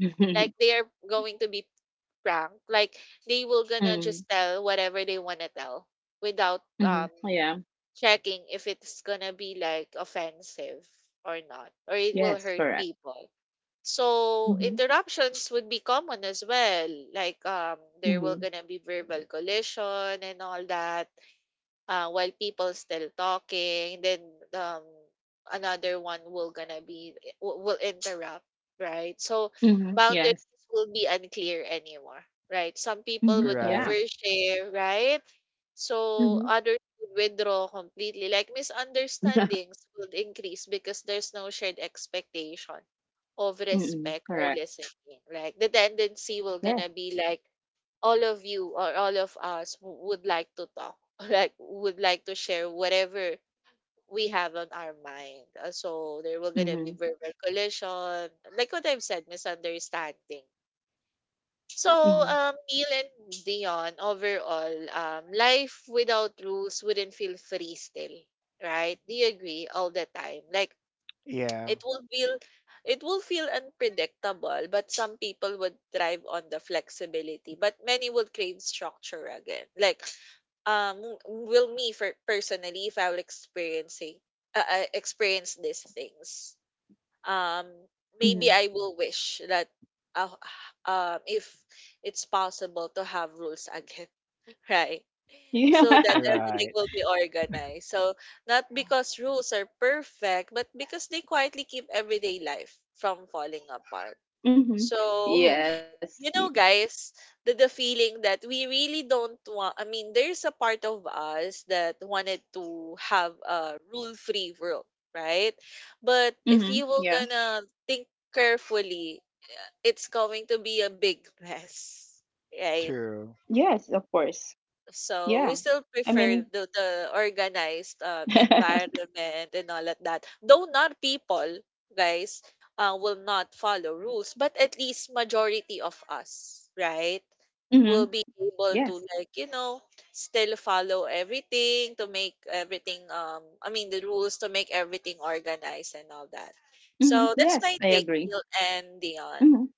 (laughs) Like Mhm. they are going to be frank. Like they will gonna Mhm. just tell whatever they wanna tell without Mhm. (laughs) Yeah. checking if it's gonna be like offensive or not, or it will Yes. hurt Correct. people. So Mhm. interruptions would be common as well. Like there will Mhm. gonna be verbal collision and all that. While people still talking, then um, another one will gonna be will interrupt, right? So Mhm. boundaries Yes. will be unclear anymore, right? Some people would Mhm. right, Yeah. overshare, right? So Mhm. others would withdraw completely. Like (laughs) misunderstandings would increase because there's no shared expectation of Mm, respect or correct. listening. Like the tendency will Yes. gonna be like all of you or all of us would like to talk, (laughs) like would like to share whatever we have on our mind. So there will gonna be Mhm. verbal collision, like what I've said, misunderstanding. So, Mhm. Neil and Dion, overall, life without rules wouldn't feel free still, right? Do you agree all the time? Like yeah, it will feel it will feel unpredictable, but some people would thrive on the flexibility, but many would crave structure again. Like will me for personally if I will experiencing experience these things. um Maybe Mhm. I will wish that uh, if it's possible to have rules again, (laughs) right? (laughs) So that Yeah. everything right, will be organized. So not because rules are perfect, but because they quietly keep everyday life from falling apart. Mhm. So (laughs) Yes. y- you know guys, the feeling that we really don't want, I mean, there's a part of us that wanted to have a rule free world, right? But if Mhm. you were Yeah. gonna think carefully, it's going to be a big mess, right? true, Yes, of course. So we Yeah. still I prefer mean, the organized (laughs) environment and all of that. Though not people, guys, will not follow rules, but at least majority of us, right, will mhm. be able to Yes. like you know still follow everything to make everything the rules to make everything organized and all that. Mhm. So that's Yes, my I take, agree. Neil and Dion. Mhm.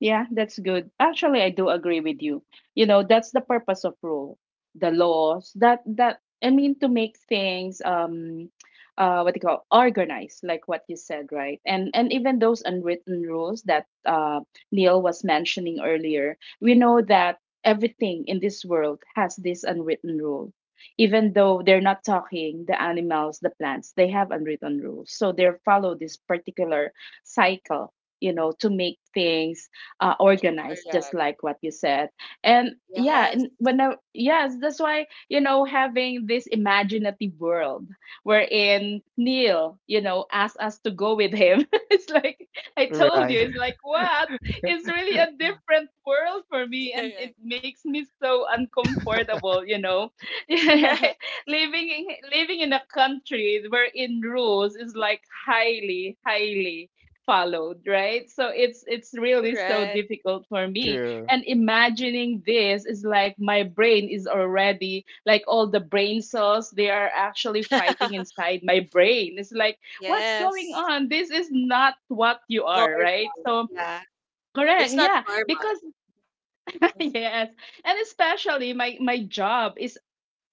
Yeah, that's good. Actually, I do agree with you. You know, that's the purpose of rule, the laws. That that I mean to make things what do you call organized, like what you said, right? And even those unwritten rules that Neil was mentioning earlier, we know that everything in this world has this unwritten rule. Even though they're not talking, the animals, the plants, they have unwritten rules. So they follow this particular cycle, you know, to make things organized, just Correct. like what you said. And yeah, Yes. and when I, yes, that's why you know having this imaginative world wherein Neil, you know, asked us to go with him, (laughs) it's like I told right, you, it's like what, it's really a different world for me (laughs) and it Correct. makes me so uncomfortable, you know, (laughs) right? (laughs) living in living in a country wherein rules is like highly followed, right? So it's really so Correct. difficult for (laughs) me. true, And imagining this is like my brain is already like all the brain cells they are actually fighting (laughs) inside my brain. It's like, what's going Yes. on? This is not what you are, right? Normal. So Yeah. correct, It's not yeah, normal. because (laughs) yes. And especially my job is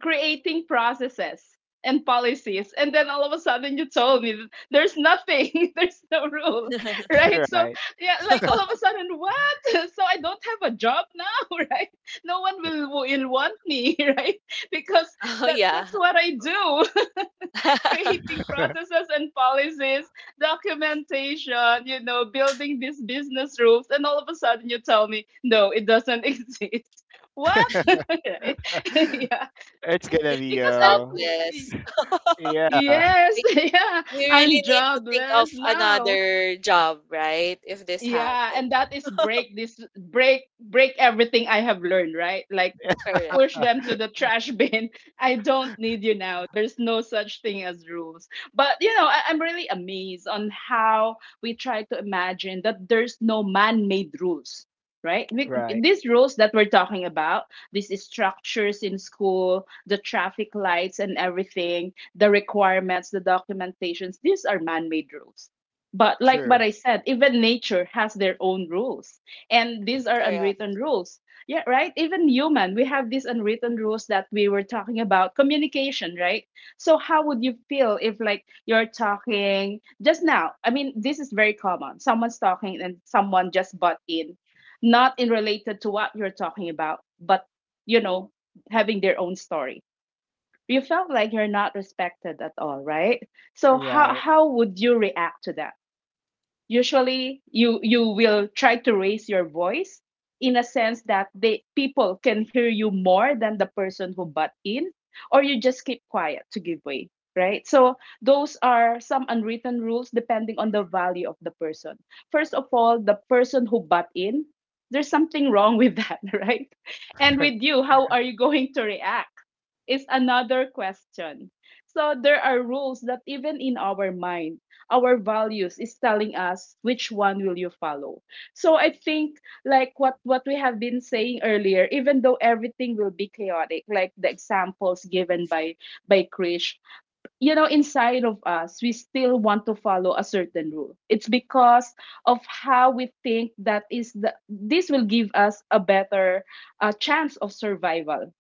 creating processes and policies, and then all of a sudden you told me that there's nothing, (laughs) there's no rule, right? So right. yeah, like all of a (laughs) sudden, what? (laughs) So I don't have a job now. (laughs) Right? No one will want me. (laughs) Right? Because Oh, that yeah. that's what I do. (laughs) (laughs) Creating (laughs) processes and policies, documentation, you know, building these business rules, and all of a sudden you tell me no, it doesn't (laughs) exist. What? (laughs) Right. (laughs) Yeah, It's You'll gonna be be because uh, jobless. (laughs) Yeah. yes. Like, (laughs) Yeah, you really I'm need to think of jobless now. another job, right? If this Yeah, happens. and that is break this, break everything I have learned, right? Like Correct. push them to the trash bin. (laughs) I don't need you now. There's no such thing as rules. But you know, I'm really amazed on how we try to imagine that there's no man-made rules, right? (laughs) Right, These rules that we're talking about, these structures in school, the traffic lights and everything, the requirements, the documentations, these are man-made rules. But like what true, I said, even nature has their own rules. And these are Correct. unwritten rules. Yeah, right. Even human, we have these unwritten rules that we were talking about communication, right? So, how would you feel if, like, you're talking just now? I mean, this is very common. Someone's talking and someone just butt in, not in related to what you're talking about, but, you know, having their own story. You felt like you're not respected at all, right? So, right. how would you react to that? Usually you will try to raise your voice in a sense that they people can hear you more than the person who butt in, or you just keep quiet to give way, right? So those are some unwritten rules depending on the value of the person. First of all, the person who butt in, there's something wrong with that. (laughs) Right? And (laughs) with you, how are you going to react is another question. So there are rules that even in our mind, our values is telling us which one will you follow. So I think like what we have been saying earlier, even though everything will be chaotic like the examples given by Krish, you know, inside of us we still want to follow a certain rule. It's because of how we think that is the this will give us a better chance of survival.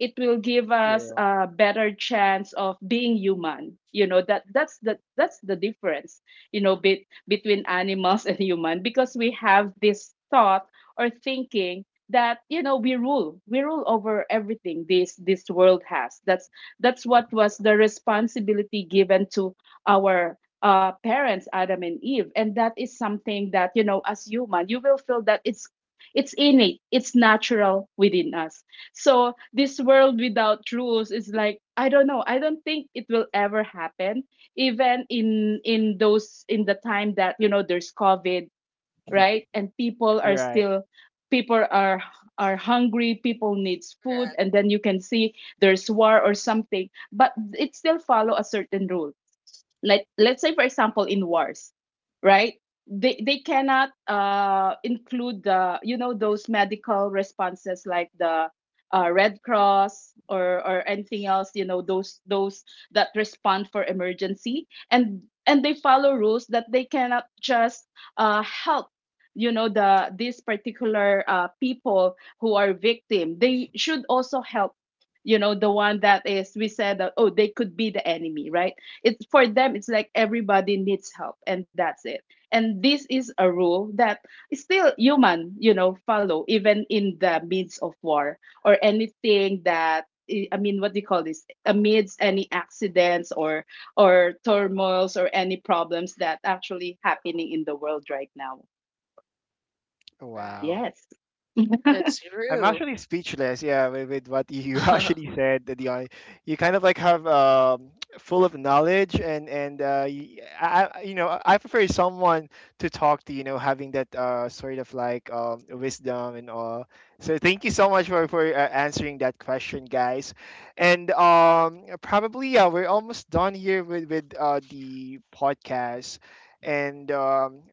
It will give us True, a better chance of being human, you know. That that's the difference, you know, between animals (laughs) and human, because we have this thought or thinking that, you know, we rule over everything this world has. That's what was the responsibility given to our parents Adam and Eve. And that is something that, you know, as human you will feel that it's innate, it's natural within us. So this world without rules is like, I don't know. I don't think it will ever happen. Even in those in the time that, you know, there's COVID, right? And people are right. still, people are, hungry. People needs food, Correct. and then you can see there's war or something. But it still follow a certain rule. Let's say for example, in wars, right, they cannot include, the you know, those medical responses like the Red Cross or anything else, you know, those that respond for emergency. And they follow rules that they cannot just help, you know, the these particular people who are victim. They should also help, you know, the one that is, we said that, oh, they could be the enemy, right? It's for them, it's like everybody needs help and that's it. And this is a rule that is still human, you know, follow even in the midst of war or anything that I mean, what do you call this, amidst any accidents or turmoils or any problems that actually happening in the world right now. Right. Wow. Yes. (laughs) That's I'm true. actually speechless. Yeah, with what you (laughs) actually (laughs) said, Dion, you kind of like have (tsk) full of knowledge, and you, you know, I prefer someone to talk to. You know, having that sort of like wisdom and all. So thank you so much for answering that question, guys. And probably yeah, we're almost done here with the podcast, and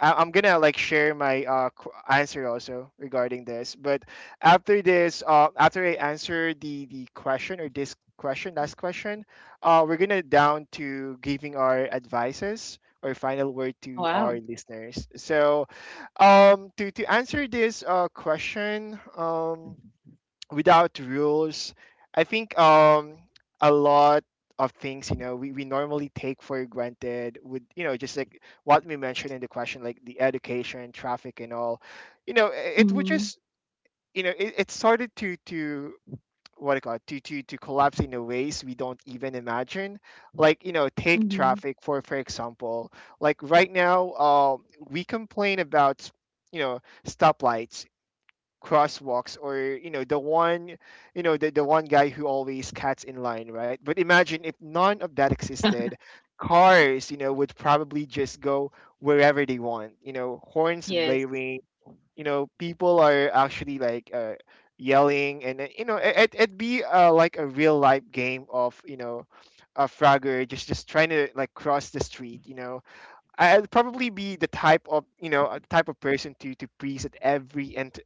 I'm gonna like share my answer also regarding this. But after this, after I answer the question or this question, last question, we're gonna down to giving our advices or final word to Wow. our listeners. So, to answer this question, without rules, I think a lot of things, you know, we normally take for granted would, you know, just like what we mentioned in the question, like the education, traffic, and all, you know, it would Mm-hmm. just, you know, it started to, what do you call it, to collapse in a ways we don't even imagine. Like, you know, take Mm-hmm. traffic for example. Like right now, we complain about, you know, stoplights, crosswalks, or, you know, the one, you know, the one guy who always cats in line, right? But imagine if none of that (laughs) existed. Cars, you know, would probably just go wherever they want, you know, horns Yes. blaring, you know, people are actually like, yelling, and then, you know, it'd be like a real life game of, you know, a frogger, just trying to like cross the street, you know. Would probably be the type of, you know, a type of person to freeze at every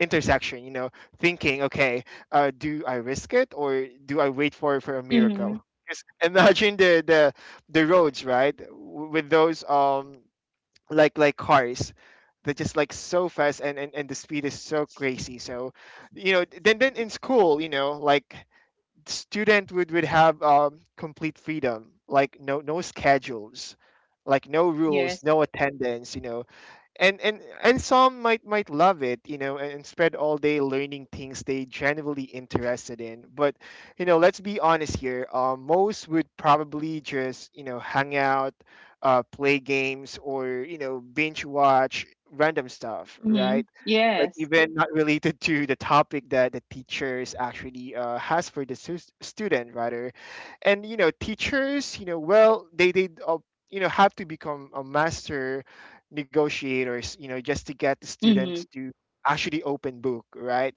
intersection. You know, thinking, okay, do I risk it, or do I wait for a Mm-hmm. miracle? 'Cause (laughs) imagine the roads, right? With those like cars, they're just like so fast, and the speed is so crazy. So, you know, then in school, you know, like student would have complete freedom, like no no schedules, like no rules, Yes. no attendance, you know. And some might love it, you know, and spend all day learning things they genuinely interested in. But, you know, let's be honest here, most would probably just, you know, hang out, play games, or, you know, binge watch random stuff, Mm-hmm. right? Like Yes. even not related to the topic that the teachers actually has for the student rather. And, you know, teachers, you know, well, they you know, have to become a master negotiators, you know, just to get the Mm-hmm. students to actually open book, right?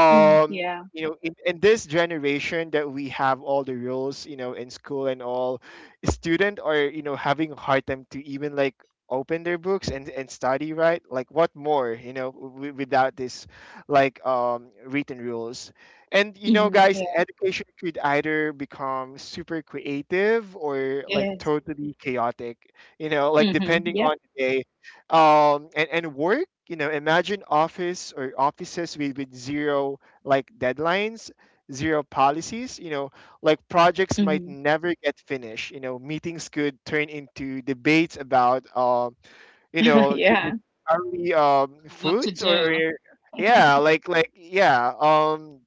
Mm-hmm. Yeah. you know, in this generation that we have all the rules, you know, in school and all, student are, you know, having a hard time to even like open their books and study, right? Like what more, you know, without this, like written rules. And, you know, Mm-hmm. guys, education could either become super creative or like Yes. totally chaotic, you know, like Mhm. depending on Yep. the day. And work, you know, imagine office or offices with zero like deadlines, zero policies, you know, like projects might Mhm. never get finished, you know. Meetings could turn into debates about you (laughs) know, Yeah. just, are we What to foods do. or- yeah like yeah,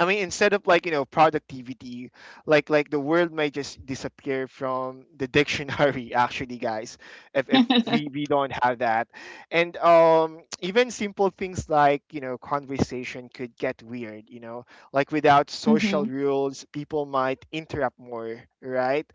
I mean, instead of like, you know, productivity, like the word may Mhm. just disappear from the dictionary. (laughs) Actually, guys, if we we don't have that, and even simple things like, you know, conversation could get weird. You know, like without Mhm. social Mhm. rules, people might interrupt more, right?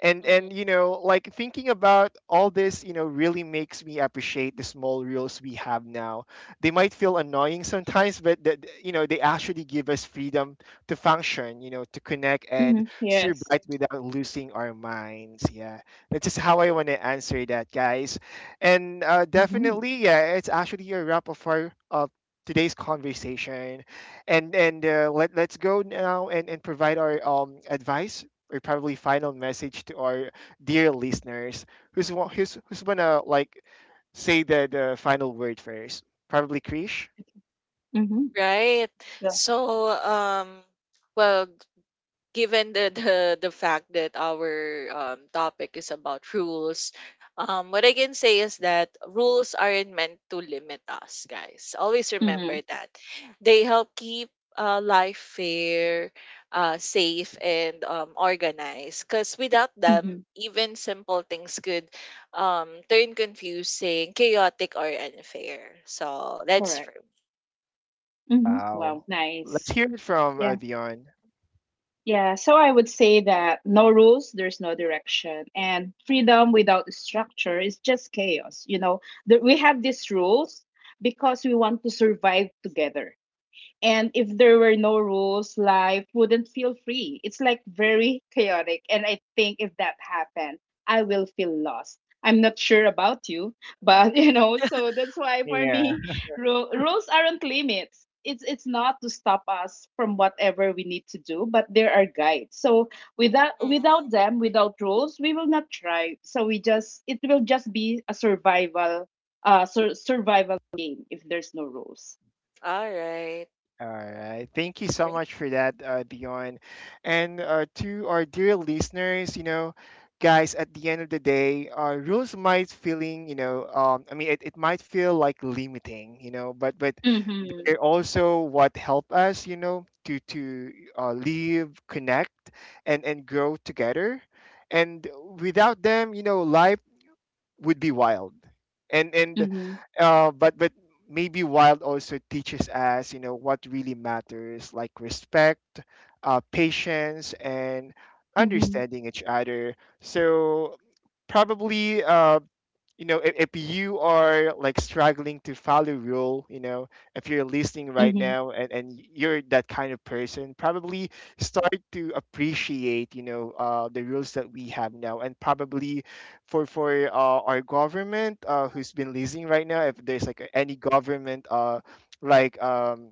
And Mm. and you know, like thinking about all this, you know, really makes me appreciate the small rules we have now. They might feel annoying sometimes, but that, you know, they actually give us freedom to function, you know, to connect and (laughs) Yes. survive without losing our minds. Yeah, that's just how I want to answer that, guys. And Mhm. definitely, yeah, it's actually a wrap of our of today's conversation. And Let, let's go now and provide our advice or probably final message to our dear listeners. Who's gonna like say the final word first? Probably Krish. Okay. Mhm. Right. Yeah. So, well, given the fact that our topic is about rules, what I can say is that rules aren't meant to limit us, guys. Always remember Mhm. that they help keep life fair, safe, and organized. Because without them, Mhm. even simple things could turn confusing, chaotic, or unfair. So that's for Correct. me. Mhm. Wow. Wow. Let's Nice. hear it from Yeah. Dion. Yeah. So I would say that no rules, there's no direction, and freedom without structure is just chaos. You know, that we have these rules because we want to survive together. And if there were no rules, life wouldn't feel free. It's like very chaotic. And I think if that happened, I will feel lost. I'm not sure about you, but (laughs) you know, so that's why for Yeah. me, rules aren't limits. It's not to stop us from whatever we need to do, but there are guides. So without Mm. without them, without rules, we will not thrive. So we just, it will just be a survival survival game if there's no rules. All right, All right. Thank you so great. much for that, Dion. And to our dear listeners, you know, guys, at the end of the day, rules might feeling, you know, I mean, it might feel like limiting, you know, but Mm-hmm. they're also what help us, you know, to live, connect, and grow together. And without them, you know, life would be wild and but maybe wild also teaches us, you know, what really matters, like respect, patience, and Mhm. understanding each other. So probably you know, if you are like struggling to follow rule, you know, if you're listening right Mhm. now, and you're that kind of person, probably start to appreciate, you know, the rules that we have now. And probably for our government, who's been listening right now, if there's like any government, like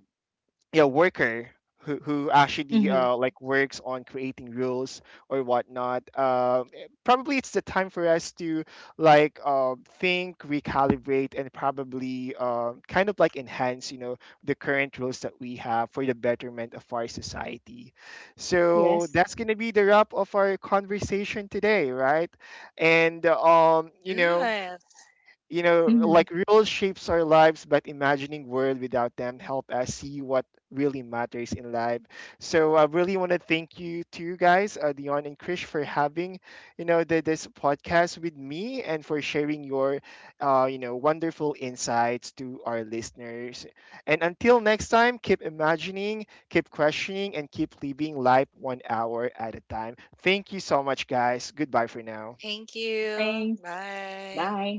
yeah, worker, who actually Mhm. Like works on creating rules or whatnot, probably it's the time for us to like think, recalibrate, and probably kind of like enhance, you know, the current rules that we have for the betterment of our society. So Yes. that's going to be the wrap of our conversation today, right? And you know, Yes. you know, Mhm. like rules shapes our lives, but imagining world without them help us see what really matters in life. So I really want to thank you to you guys, Dion and Krish, for having, you know, the, this podcast with me and for sharing your, you know, wonderful insights to our listeners. And until next time, keep imagining, keep questioning, and keep living life one hour at a time. Thank you so much, guys. Goodbye for now. Thank you. Thanks. Bye. Bye.